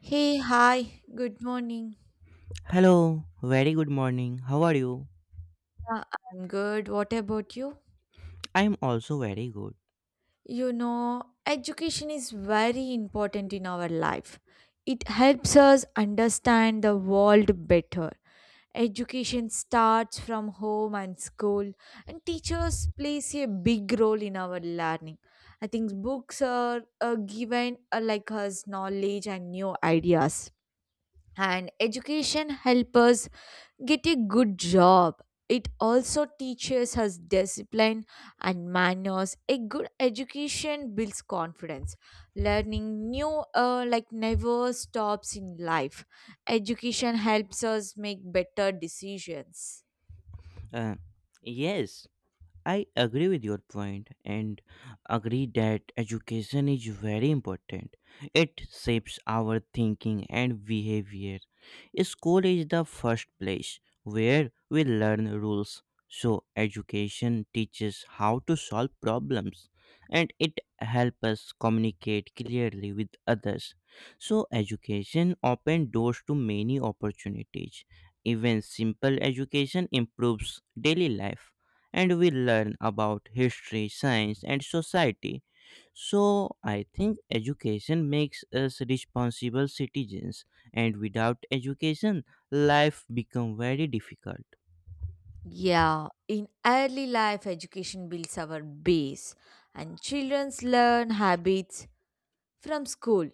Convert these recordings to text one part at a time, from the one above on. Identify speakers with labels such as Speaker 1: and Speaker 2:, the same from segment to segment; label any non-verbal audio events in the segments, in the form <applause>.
Speaker 1: Hey, hi, good morning.
Speaker 2: Hello, very good morning. How are you?
Speaker 1: Yeah, I'm good. What about you?
Speaker 2: I am also very good.
Speaker 1: You know, education is very important in our life. It helps us understand the world better. Education starts from home and school, and teachers plays a big role in our learning. I think books are given like us knowledge and new ideas, and education helps us get a good job. It also teaches us discipline and manners. A good education builds confidence. Learning new, like never stops in life. Education helps us make better decisions.
Speaker 2: Uh, yes, I agree with your point and agree that education is very important. It shapes our thinking and behavior. School is the first place where we learn rules. So education teaches how to solve problems and it helps us communicate clearly with others. So education opens doors to many opportunities. Even simple education improves daily life and we learn about history, science, and society. So, I think education makes us responsible citizens, and without education, life becomes very difficult.
Speaker 1: Yeah, in early life education builds our base, and children learn habits from school.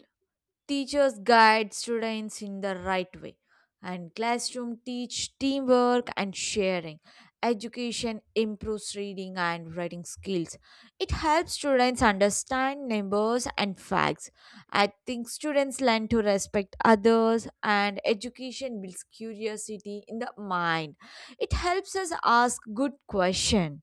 Speaker 1: Teachers guide students in the right way, and classroom teach teamwork and sharing. Education improves reading and writing skills. It helps students understand numbers and facts. I think students learn to respect others, and education builds curiosity in the mind. It helps us ask good questions.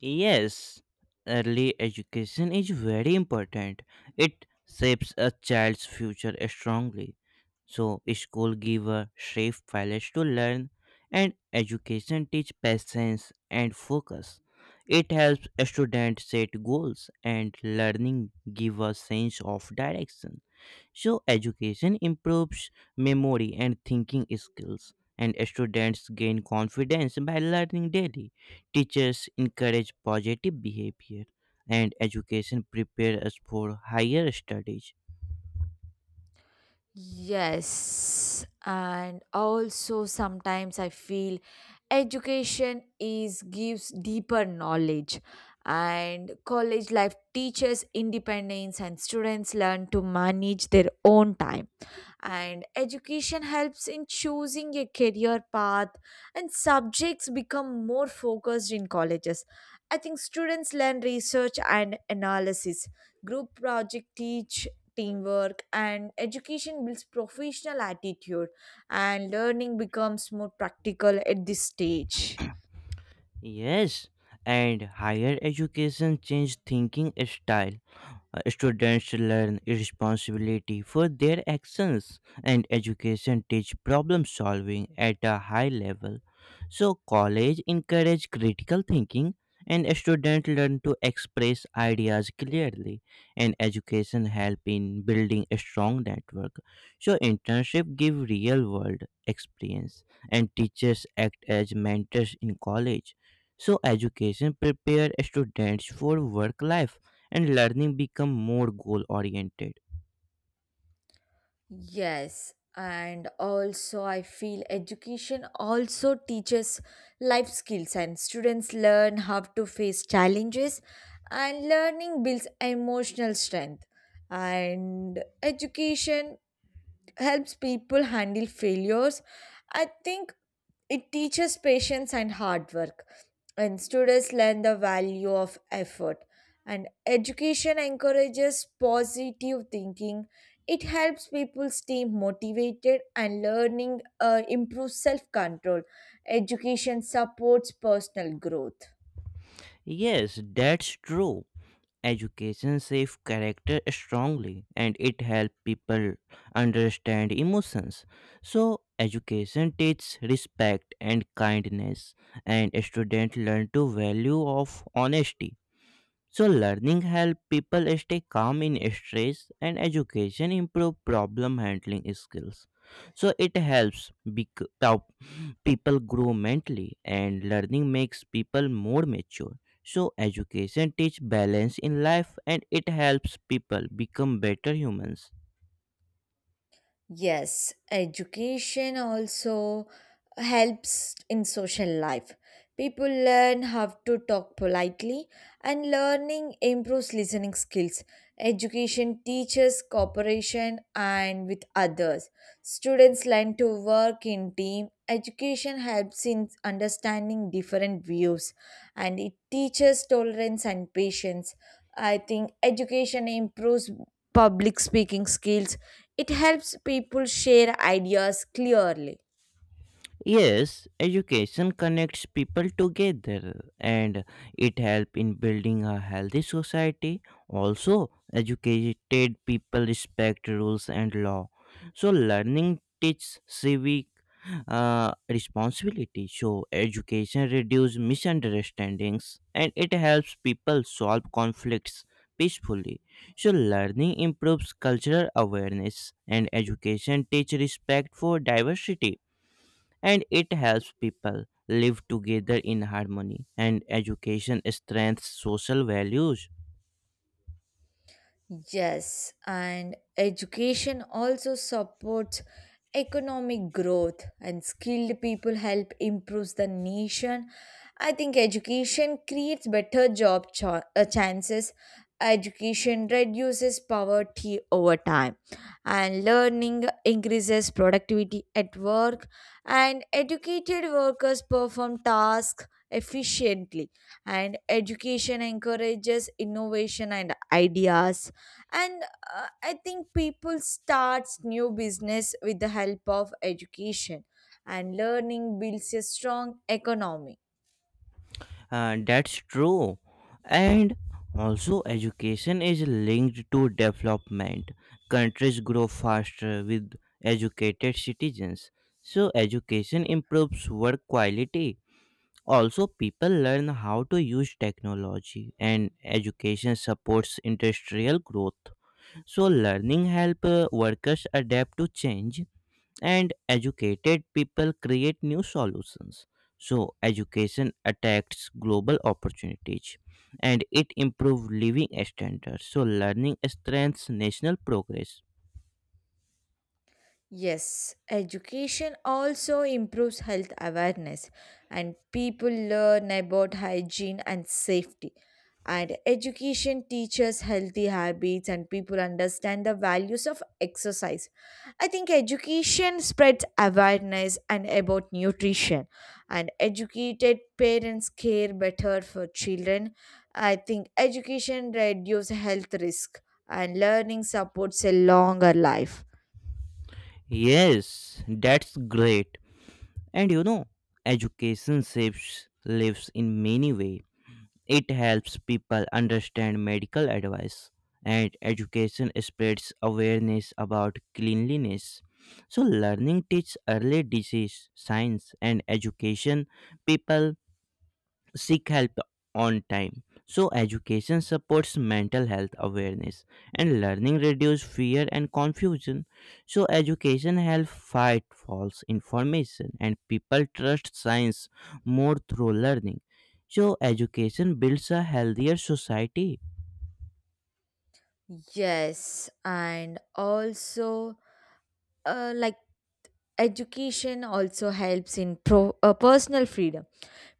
Speaker 2: Yes, early education is very important. It shapes a child's future strongly. So, school give a safe place to learn, and education teach patience and focus. It helps students set goals, and learning give a sense of direction. So, education improves memory and thinking skills, and students gain confidence by learning daily. Teachers encourage positive behavior, and education prepares us for higher studies.
Speaker 1: Yes, and also sometimes I feel education is gives deeper knowledge, and college life teaches independence, and students learn to manage their own time, and education helps in choosing a career path, and subjects become more focused in colleges. I think students learn research and analysis. Group project teach teamwork, and education builds professional attitude, and learning becomes more practical at this stage.
Speaker 2: Yes, and higher education changes thinking style. Students learn responsibility for their actions, and education teach problem solving at a high level. So college encourage critical thinking and students learn to express ideas clearly and education help in building a strong network. So internship give real world experience and teachers act as mentors in college. So education prepare students for work life and learning become more goal oriented.
Speaker 1: Yes, and also I feel education also teaches life skills, and students learn how to face challenges, and learning builds emotional strength, and education helps people handle failures. I think it teaches patience and hard work, and students learn the value of effort. And education encourages positive thinking. It helps people stay motivated, and learning improves self control. Education supports personal growth.
Speaker 2: Yes, that's true. Education shapes character strongly and it helps people understand emotions. So, education teaches respect and kindness, and students learn to value of honesty. So learning help people stay calm in stress and education improve problem handling skills. So it helps people grow mentally and learning makes people more mature. So education teach balance in life and it helps people become better humans.
Speaker 1: Yes, education also helps in social life. People learn how to talk politely, and learning improves listening skills. Education teaches cooperation and with others. Students learn to work in team. Education helps in understanding different views, and it teaches tolerance and patience. I think education improves public speaking skills. It helps people share ideas clearly.
Speaker 2: Yes, education connects people together and it helps in building a healthy society. Also, educated people respect rules and law. So, learning teaches civic responsibility. So, education reduces misunderstandings and it helps people solve conflicts peacefully. So, learning improves cultural awareness and education teaches respect for diversity and it helps people live together in harmony and education strengthens social values.
Speaker 1: Yes, and education also supports economic growth, and skilled people help improve the nation. I think education creates better job chances. Education reduces poverty over time, and learning increases productivity at work, and educated workers perform tasks efficiently, and education encourages innovation and ideas, and I think people starts new business with the help of education, and learning builds a strong economy.
Speaker 2: That's true and also education is linked to development, countries grow faster with educated citizens, so education improves work quality, also people learn how to use technology and education supports industrial growth, so learning helps workers adapt to change and educated people create new solutions. So, education attacks global opportunities and it improves living standards. So, learning strengthens national progress.
Speaker 1: Yes, education also improves health awareness, and people learn about hygiene and safety. And education teaches healthy habits, and people understand the values of exercise. I think education spreads awareness and about nutrition, and educated parents care better for children. I think education reduces health risk, and learning supports a longer life.
Speaker 2: Yes, that's great. And you know, education saves lives in many ways. It helps people understand medical advice and education spreads awareness about cleanliness. So learning teaches early disease, science and education people seek help on time. So, education supports mental health awareness and learning reduce fear and confusion. So, education helps fight false information and people trust science more through learning. So, education builds a healthier society.
Speaker 1: Yes, and also, uh, like education also helps in personal freedom.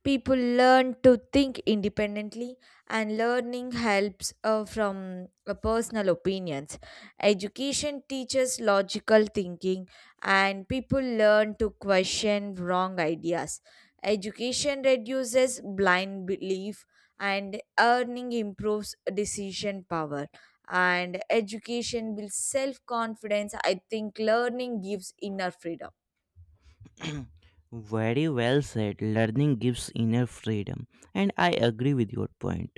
Speaker 1: People learn to think independently, and learning helps from personal opinions. Education teaches logical thinking, and people learn to question wrong ideas. Education reduces blind belief, and earning improves decision power, and education builds self confidence. I think learning gives inner freedom.
Speaker 2: Very well said. Learning gives inner freedom, and I agree with your point.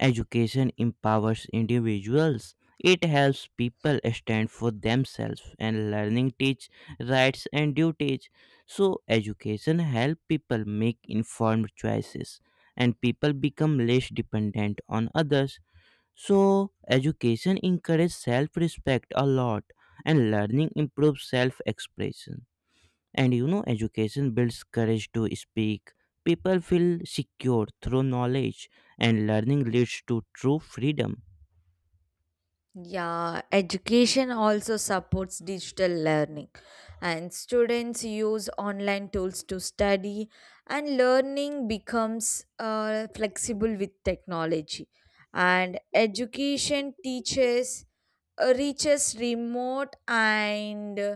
Speaker 2: Education empowers individuals. It helps people stand for themselves, and learning teach rights and duties. So education help people make informed choices, and people become less dependent on others. So education encourages self-respect a lot, and learning improves self-expression. And you know, education builds courage to speak. People feel secure through knowledge, and learning leads to true freedom.
Speaker 1: Yeah, education also supports digital learning, and students use online tools to study, and learning becomes flexible with technology. And education teaches reaches remote and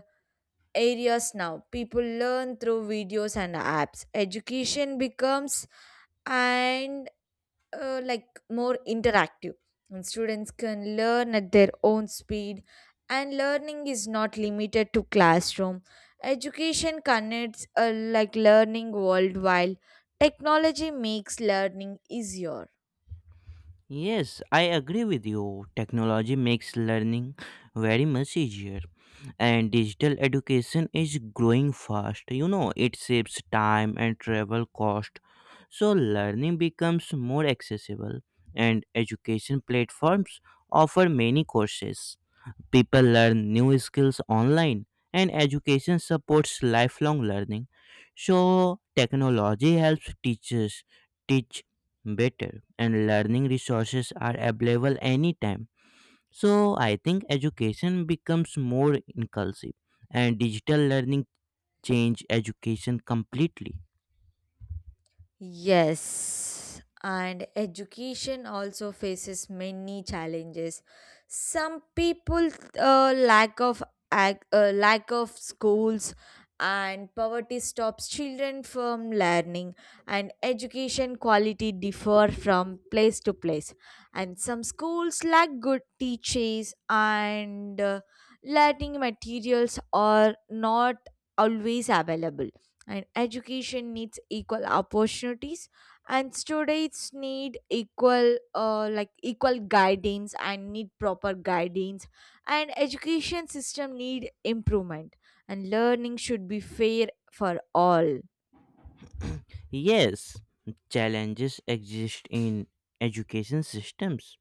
Speaker 1: areas now. People learn through videos and apps. Education becomes an, like more interactive, and students can learn at their own speed, and learning is not limited to classroom. Education connects, like learning worldwide. Technology makes learning easier.
Speaker 2: Yes, I agree with you. Technology makes learning very much easier, and digital education is growing fast. You know, it saves time and travel cost, so learning becomes more accessible, and education platforms offer many courses. People learn new skills online, and education supports lifelong learning. So, technology helps teachers teach better, and learning resources are available anytime. So, I think education becomes more inclusive, and digital learning change education completely.
Speaker 1: Yes, and education also faces many challenges. Some people lack of lack of schools, and poverty stops children from learning, and education quality differ from place to place, and some schools lack good teachers, and learning materials are not always available, and education needs equal opportunities, and students need equal, like equal guidance and need proper guidance, and education system need improvement, and learning should be fair for all.
Speaker 2: Yes, challenges exist in education systems.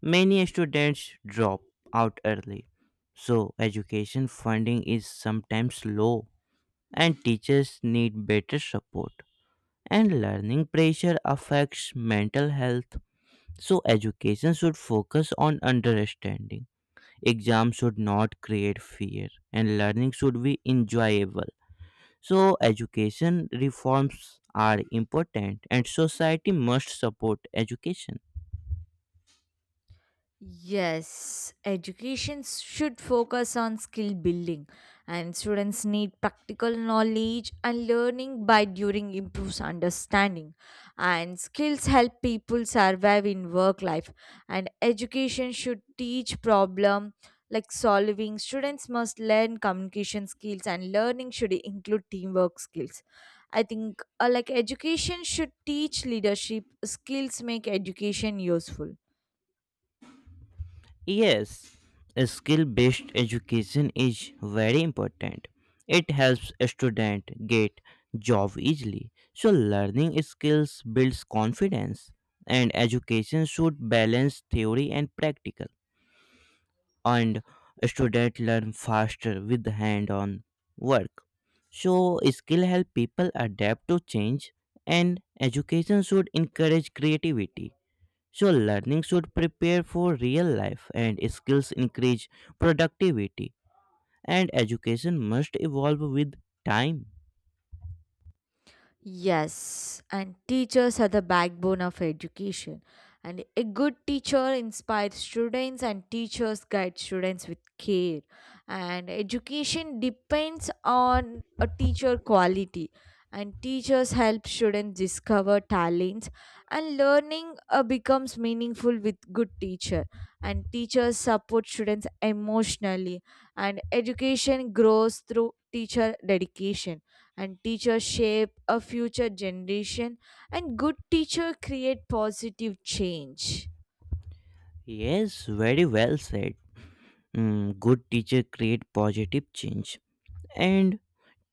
Speaker 2: Many students drop out early, so education funding is sometimes low, and teachers need better support. And learning pressure affects mental health, so education should focus on understanding. Exams should not create fear, and learning should be enjoyable. So, education reforms are important, and society must support education.
Speaker 1: Yes, education should focus on skill building, and students need practical knowledge, and learning by during improves understanding, and skills help people survive in work life, and education should teach problem like solving. Students must learn communication skills, and learning should include teamwork skills. I think, like education should teach leadership skills, make education useful.
Speaker 2: Yes, skill based education is very important. It helps a student get job easily. So learning skills builds confidence and education should balance theory and practical and student learn faster with hand on work. So skill help people adapt to change and education should encourage creativity, so learning should prepare for real life and skills increase productivity, and education must evolve with time.
Speaker 1: Yes, and teachers are the backbone of education. And a good teacher inspires students, and teachers guide students with care. And education depends on a teacher quality. And teachers help students discover talents, and learning becomes meaningful with good teacher. And teachers support students emotionally, and education grows through teacher dedication, and teachers shape a future generation, and good teacher create positive change.
Speaker 2: Yes, very well said. Mm, good teacher create positive change, and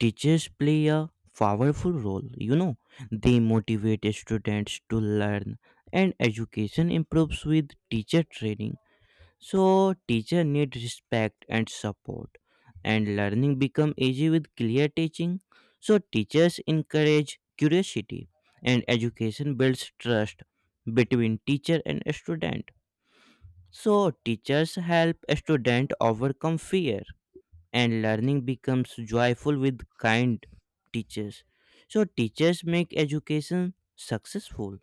Speaker 2: teachers play a powerful role. You know, they motivate students to learn, and education improves with teacher training. So teacher need respect and support and learning become easy with clear teaching. So teachers encourage curiosity and education builds trust between teacher and student. So teachers help student overcome fear and learning becomes joyful with kind teachers. So teachers make education successful.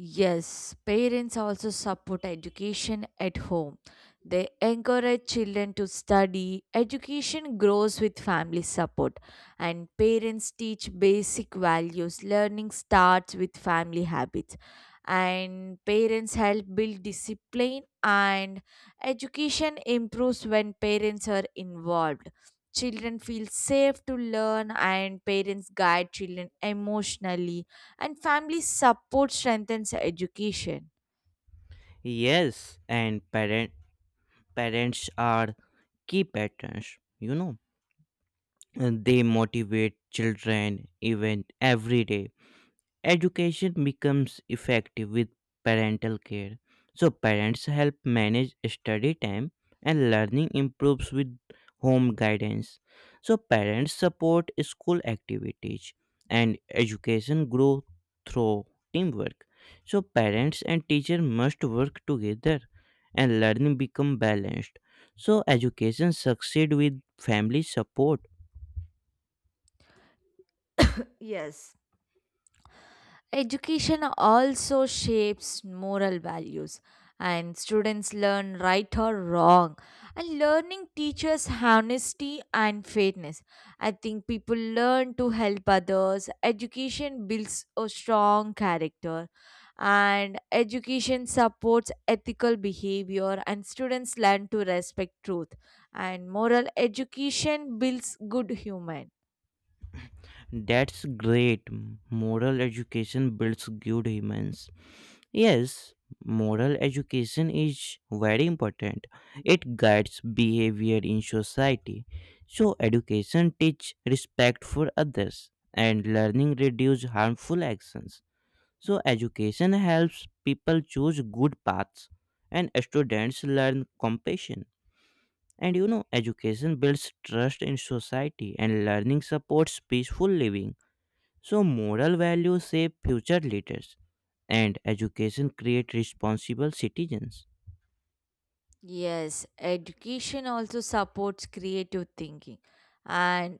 Speaker 1: Yes, parents also support education at home. They encourage children to study. Education grows with family support, and parents teach basic values. Learning starts with family habits, and parents help build discipline, and education improves when parents are involved. Children feel safe to learn, and parents guide children emotionally, and family support strengthens education.
Speaker 2: Yes, and parents are key patrons, you know, and they motivate children even every day. Education becomes effective with parental care. So parents help manage study time and learning improves with home guidance. So parents support school activities and education grow through teamwork. So parents and teacher must work together and learning become balanced. So education succeed with family support.
Speaker 1: Yes. Education also shapes moral values, and students learn right or wrong. And learning teaches honesty and fairness. I think people learn to help others. Education builds a strong character, and education supports ethical behavior. And students learn to respect truth. And moral education builds good human.
Speaker 2: That's great. Moral education builds good humans. Yes, moral education is very important. It guides behavior in society. So education teaches respect for others and learning reduces harmful actions. So education helps people choose good paths and students learn compassion. And you know, education builds trust in society and learning supports peaceful living. So, moral values shape future leaders, and education creates responsible citizens.
Speaker 1: Yes, education also supports creative thinking, and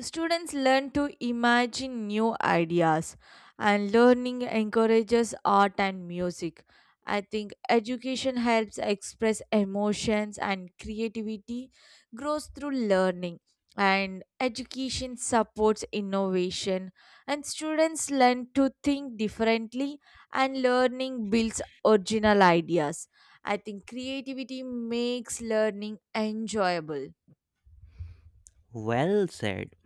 Speaker 1: students learn to imagine new ideas, and learning encourages art and music. I think education helps express emotions, and creativity grows through learning, and education supports innovation, and students learn to think differently, and learning builds original ideas. I think creativity makes learning enjoyable.
Speaker 2: Well said.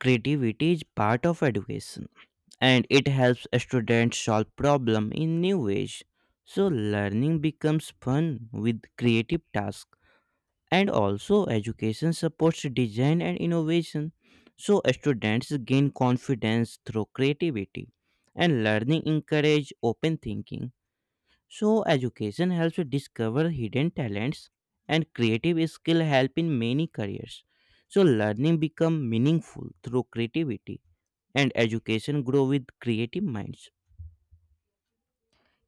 Speaker 2: Creativity is part of education, and it helps students solve problems in new ways. So, learning becomes fun with creative tasks, and also education supports design and innovation. So, students gain confidence through creativity, and learning encourages open thinking. So education helps to discover hidden talents and creative skill help in many careers. So learning become meaningful through creativity and education grow with creative minds.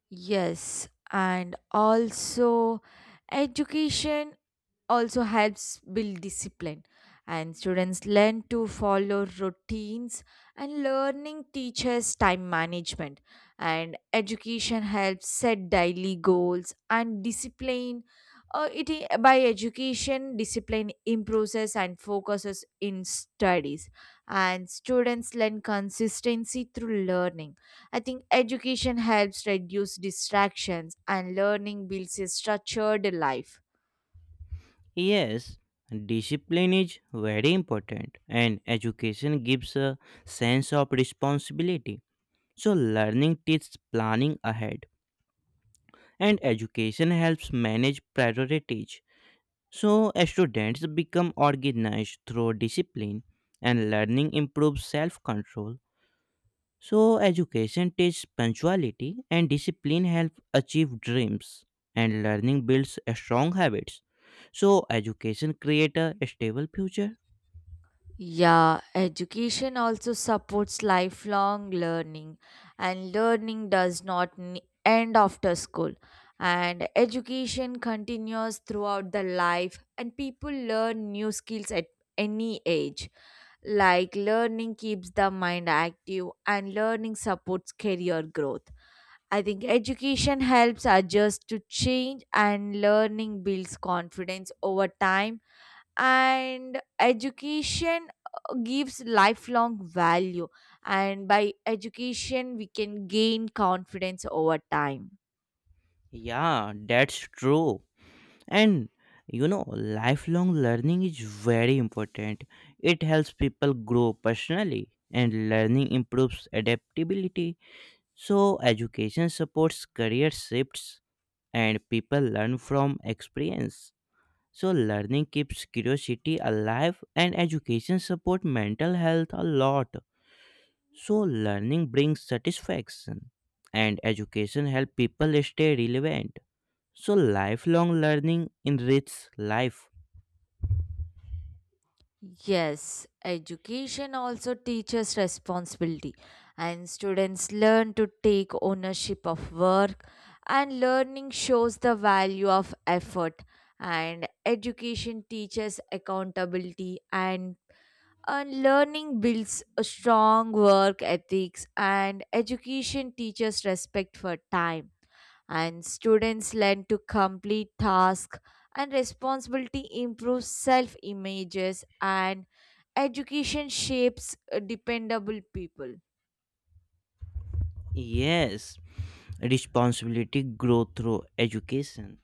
Speaker 1: Yes, and also education also helps build discipline, and students learn to follow routines, and learning teaches time management, and education helps set daily goals, and discipline, by education discipline improves and focuses in studies, and students learn consistency through learning. I think education helps reduce distractions, and learning builds a structured life.
Speaker 2: Yes, discipline is very important and education gives a sense of responsibility. So learning teaches planning ahead and education helps manage priorities. So, students become organized through discipline and learning improves self control. So, education teaches punctuality and discipline help achieve dreams and learning builds strong habits. So, education creates a stable future.
Speaker 1: Yeah, education also supports lifelong learning, and learning does not end after school. And education continues throughout the life, and people learn new skills at any age. Like learning keeps the mind active, and learning supports career growth. I think education helps adjust to change, and learning builds confidence over time, and education gives lifelong value, and by education we can gain confidence over time.
Speaker 2: Yeah, that's true. And you know, lifelong learning is very important. It helps people grow personally and learning improves adaptability. So, education supports career shifts and people learn from experience. So, learning keeps curiosity alive and education supports mental health a lot. So, learning brings satisfaction and education helps people stay relevant. So, lifelong learning enriches life.
Speaker 1: Yes, education also teaches responsibility, and students learn to take ownership of work, and learning shows the value of effort, and education teaches accountability. And learning builds a strong work ethics, and education teaches respect for time. And students learn to complete tasks, and responsibility improves self images, and education shapes dependable people.
Speaker 2: Yes, responsibility grow through education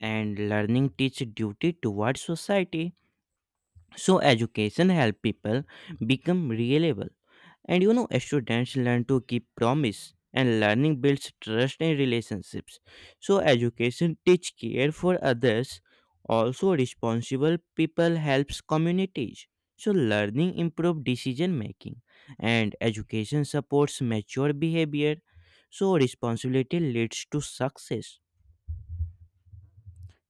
Speaker 2: and learning teach duty towards society. So education help people become reliable and you know students learn to keep promise and learning builds trust in relationships, so education teach care for others, also responsible people helps communities, so learning improve decision making and education supports mature behavior, so responsibility leads to success.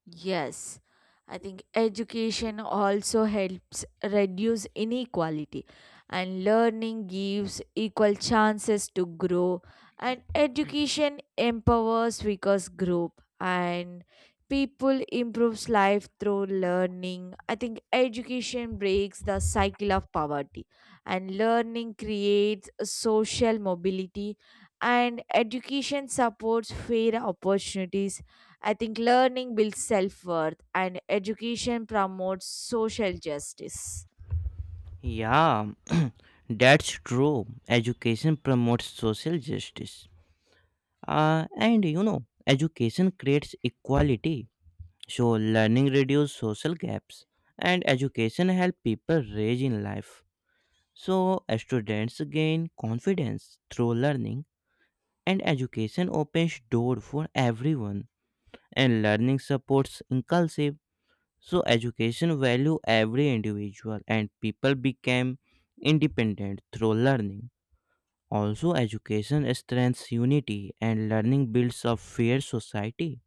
Speaker 1: Yes, I think education also helps reduce inequality, and learning gives equal chances to grow, and education empowers because group, and people improves life through learning. I think education breaks the cycle of poverty, and learning creates social mobility, and education supports fair opportunities. I think learning builds self worth, and education promotes social justice.
Speaker 2: Yeah, <clears throat> that's true, education promotes social justice. And you know, education creates equality. So learning reduces social gaps, and education helps people rise in life. So students gain confidence through learning, and education opens door for everyone. And learning supports inclusive. So education value every individual, and people become independent through learning. Also, education strengthens unity, and learning builds a fair society.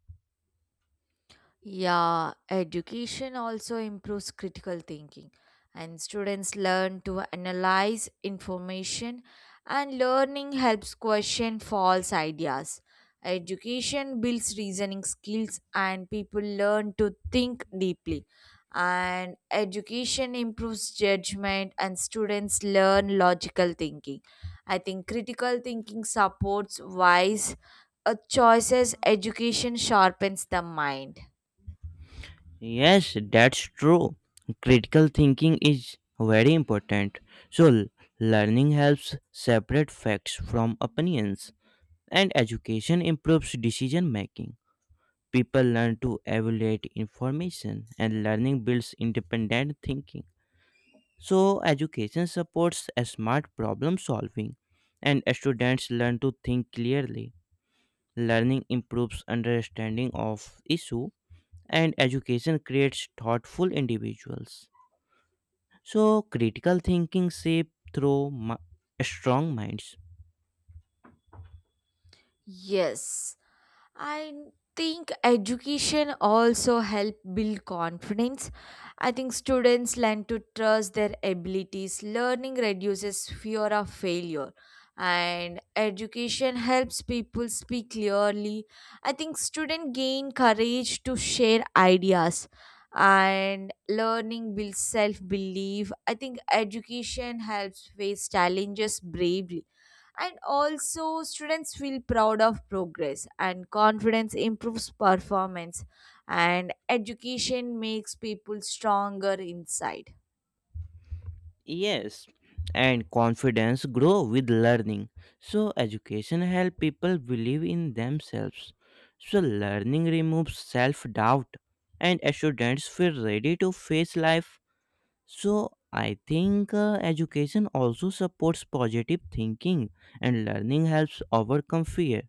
Speaker 1: Yeah, education also improves critical thinking, and students learn to analyze information, and learning helps question false ideas. Education builds reasoning skills, and people learn to think deeply. And education improves judgment, and students learn logical thinking. I think critical thinking supports wise, choices, education sharpens the mind.
Speaker 2: Yes, that's true. Critical thinking is very important. So, learning helps separate facts from opinions, and education improves decision making. People learn to evaluate information, and learning builds independent thinking. So, education supports a smart problem solving, and students learn to think clearly. Learning improves understanding of issue, and education creates thoughtful individuals. So, critical thinking shape through strong minds.
Speaker 1: Yes, I think education also help build confidence. I think students learn to trust their abilities. Learning reduces fear of failure, and education helps people speak clearly. I think students gain courage to share ideas, and learning builds self-belief. I think education helps face challenges bravely, and also students feel proud of progress, and confidence improves performance, and education makes people stronger inside.
Speaker 2: Yes, and confidence grow with learning. So, education help people believe in themselves. So, learning removes self doubt, and students feel ready to face life. So, I think education also supports positive thinking, and learning helps overcome fear.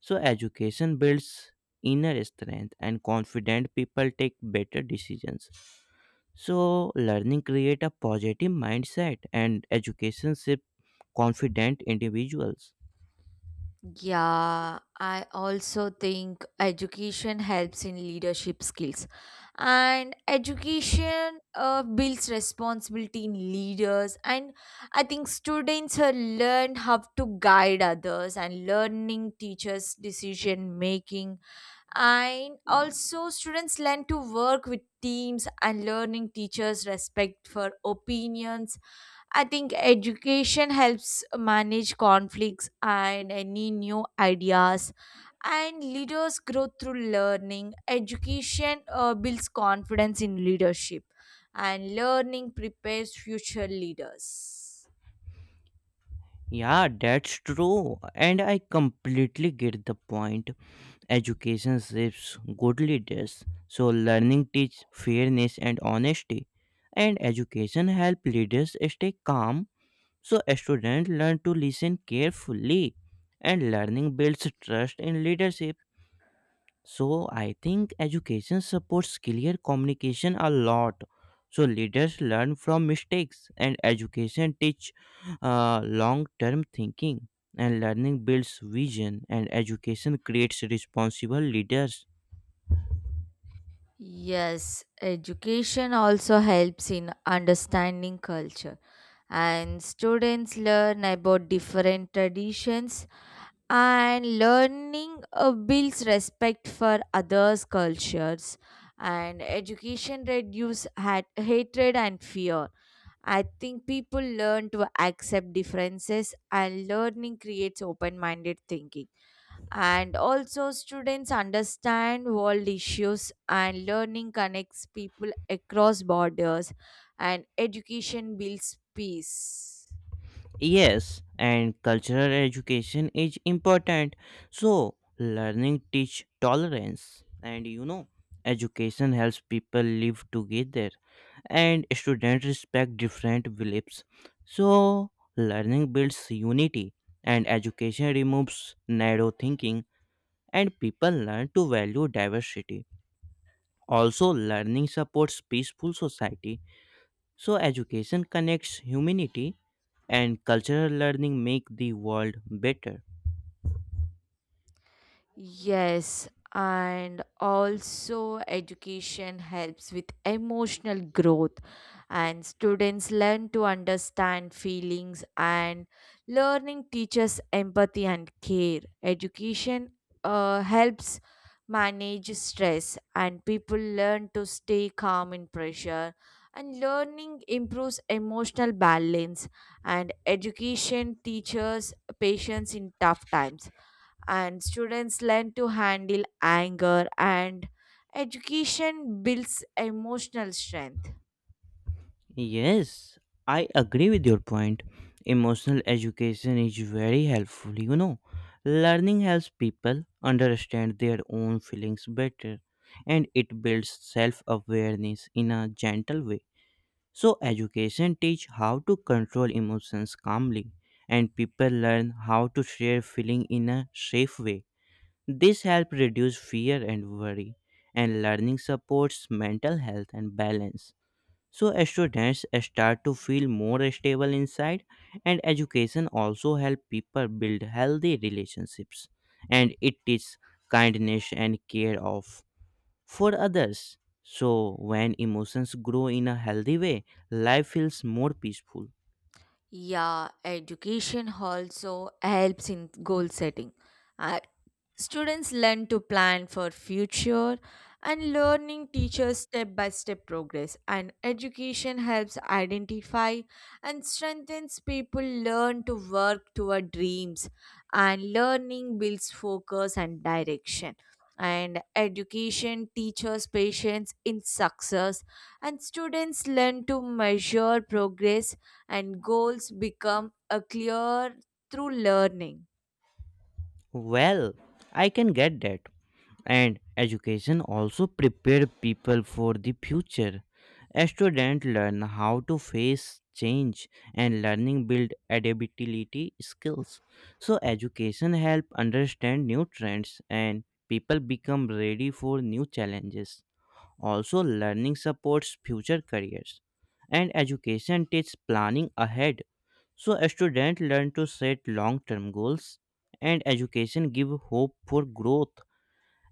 Speaker 2: So education builds inner strength and confident people take better decisions. So learning create a positive mindset and education shape confident individuals.
Speaker 1: Yeah, I also think education helps in leadership skills. And education builds responsibility in leaders. And I think students learn how to guide others, and learning teaches decision making, and also students learn to work with teams, and learning teachers respect for opinions. I think education helps manage conflicts and any new ideas, and leaders grow through learning. Education builds confidence in leadership, and learning prepares future leaders.
Speaker 2: Yeah, that's true. And I completely get the point. Education shapes good leaders. So learning teach fairness and honesty. And education help leaders stay calm. So students learn to listen carefully and learning builds trust in leadership. So I think education supports clear communication a lot. So leaders learn from mistakes and education teach long-term thinking and learning builds vision and education creates responsible leaders.
Speaker 1: Yes, education also helps in understanding culture, and students learn about different traditions, and learning builds respect for others cultures, and education reduces hatred and fear. I think people learn to accept differences, and learning creates open-minded thinking, and also students understand world issues, and learning connects people across borders, and education builds peace.
Speaker 2: Yes, and cultural education is important. So, learning teach tolerance and you know, education helps people live together and students respect different beliefs. So, learning builds unity and education removes narrow thinking and people learn to value diversity. Also, learning supports peaceful society. So, education connects humanity and cultural learning make the world better.
Speaker 1: Yes, and also education helps with emotional growth, and students learn to understand feelings, and learning teaches empathy and care. Education helps manage stress, and people learn to stay calm in pressure. And learning improves emotional balance, and education teaches patience in tough times, and students learn to handle anger, and education builds emotional strength.
Speaker 2: Yes, I agree with your point. Emotional education is very helpful, you know. Learning helps people understand their own feelings better, and it builds self awareness in a gentle way. So, education teach how to control emotions calmly, and people learn how to share feeling in a safe way. This helps reduce fear and worry, and learning supports mental health and balance. So, students start to feel more stable inside, and education also helps people build healthy relationships, and it teaches kindness and care of for others. So, when emotions grow in a healthy way, life feels more peaceful.
Speaker 1: Yeah, education also helps in goal setting. Uh, Students learn to plan for future, and learning teaches step by step progress, and education helps identify and strengthens. People learn to work toward dreams, and learning builds focus and direction, and education teaches patience in success, and students learn to measure progress, and goals become a clear through learning.
Speaker 2: Well, I can get that. And education also prepare people for the future. A student learn how to face change and learning build adaptability skills. So education help understand new trends and people become ready for new challenges. Also learning supports future careers and education takes planning ahead, so a student learn to set long-term goals and education give hope for growth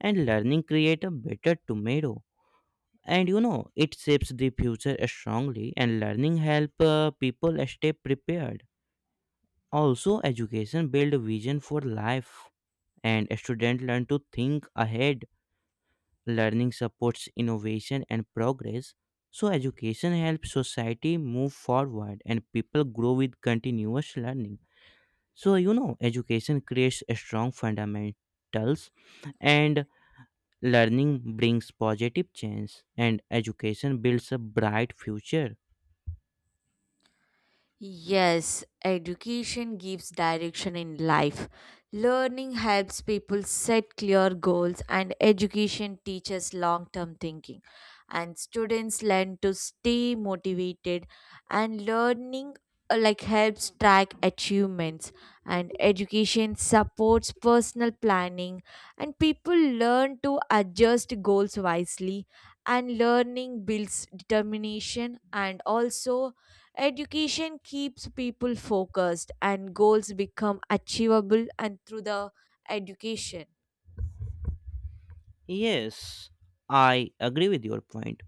Speaker 2: and learning create a better tomorrow. And you know, it shapes the future strongly and learning help people stay prepared. Also education build vision for life and students learn to think ahead. Learning supports innovation and progress. So education helps society move forward and people grow with continuous learning. So you know education creates a strong fundamentals and learning brings positive change and education builds a bright future.
Speaker 1: Yes, education gives direction in life. Learning helps people set clear goals, and education teaches long term thinking. And students learn to stay motivated, and learning, like helps track achievements, and education supports personal planning, and people learn to adjust goals wisely, and learning builds determination, and also education keeps people focused, and goals become achievable and through the education.
Speaker 2: Yes, I agree with your point.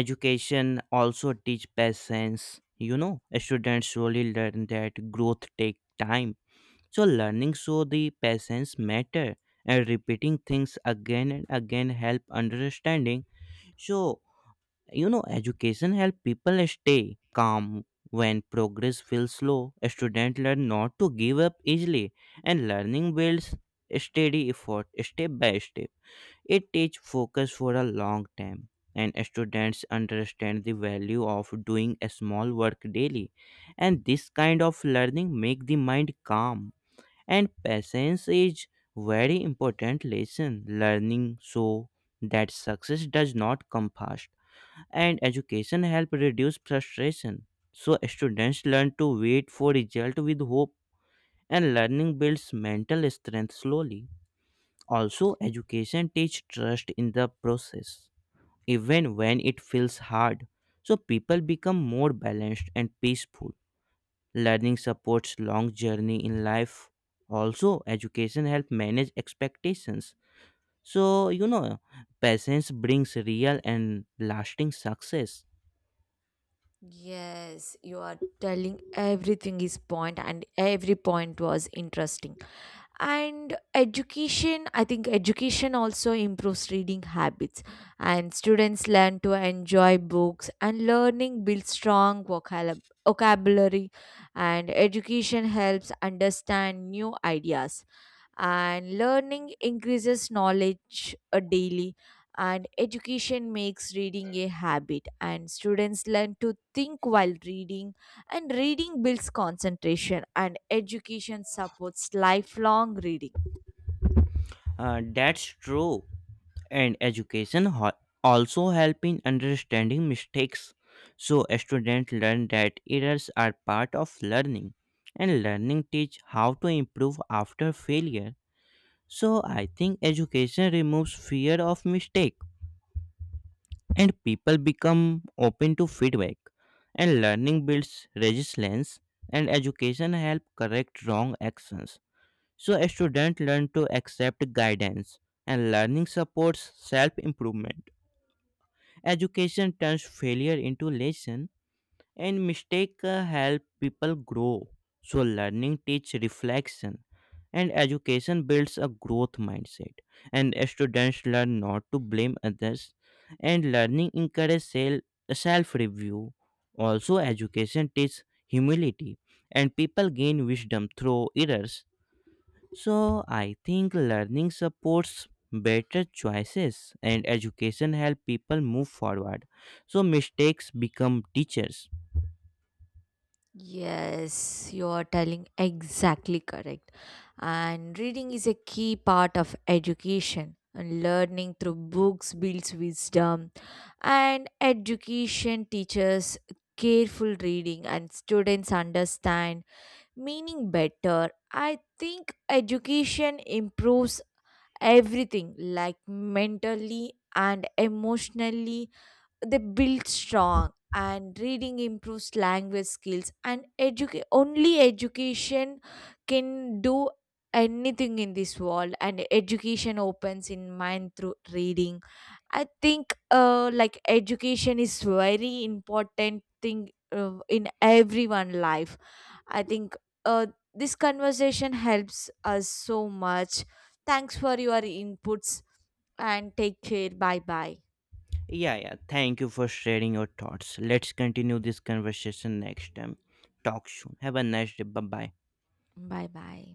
Speaker 2: Education also teach patience, you know students surely learn that growth take time. So learning, so the patience matter, and repeating things again and again help understanding. So you know education help people stay calm when progress feels slow. Students learn not to give up easily and learning builds steady effort step by step. It teaches focus for a long time and students understand the value of doing a small work daily, and this kind of learning make the mind calm. And patience is very important lesson learning, so that success does not come fast and education help reduce frustration. So students learn to wait for result with hope and learning builds mental strength slowly. Also education teach trust in the process even when it feels hard, so people become more balanced and peaceful. Learning supports long journey in life. Also education help manage expectations. So you know, patience brings real and lasting success.
Speaker 1: Yes, you are telling everything is point, and every point was interesting. And education, I think education also improves reading habits, and students learn to enjoy books, and learning builds strong vocabulary, and education helps understand new ideas, and learning increases knowledge daily, and education makes reading a habit, and students learn to think while reading, and reading builds concentration, and education supports lifelong reading.
Speaker 2: That's true. And education also help in understanding mistakes. So students learn that errors are part of learning and learning teach how to improve after failure. So I think education removes fear of mistake and people become open to feedback, and learning builds resilience and education help correct wrong actions. So a student learn to accept guidance and learning supports self improvement. Education turns failure into lesson and mistake help people grow. So learning teach reflection and education builds a growth mindset and students learn not to blame others and learning encourages self review. Also education teaches humility and people gain wisdom through errors, so I think learning supports better choices and education help people move forward. So mistakes become teachers.
Speaker 1: Yes, you are telling exactly correct. And reading is a key part of education. And learning through books builds wisdom. And education teaches careful reading, and students understand meaning better. I think education improves everything, like mentally and emotionally they build strong, and reading improves language skills, and only education can do anything in this world, and education opens in mind through reading. I think, like education is very important thing in everyone life. I think, uh, this conversation helps us so much. Thanks for your inputs, and take care. Bye bye.
Speaker 2: Yeah, yeah. Thank you for sharing your thoughts. Let's continue this conversation next time. Talk soon. Have a nice day. Bye bye.
Speaker 1: Bye bye.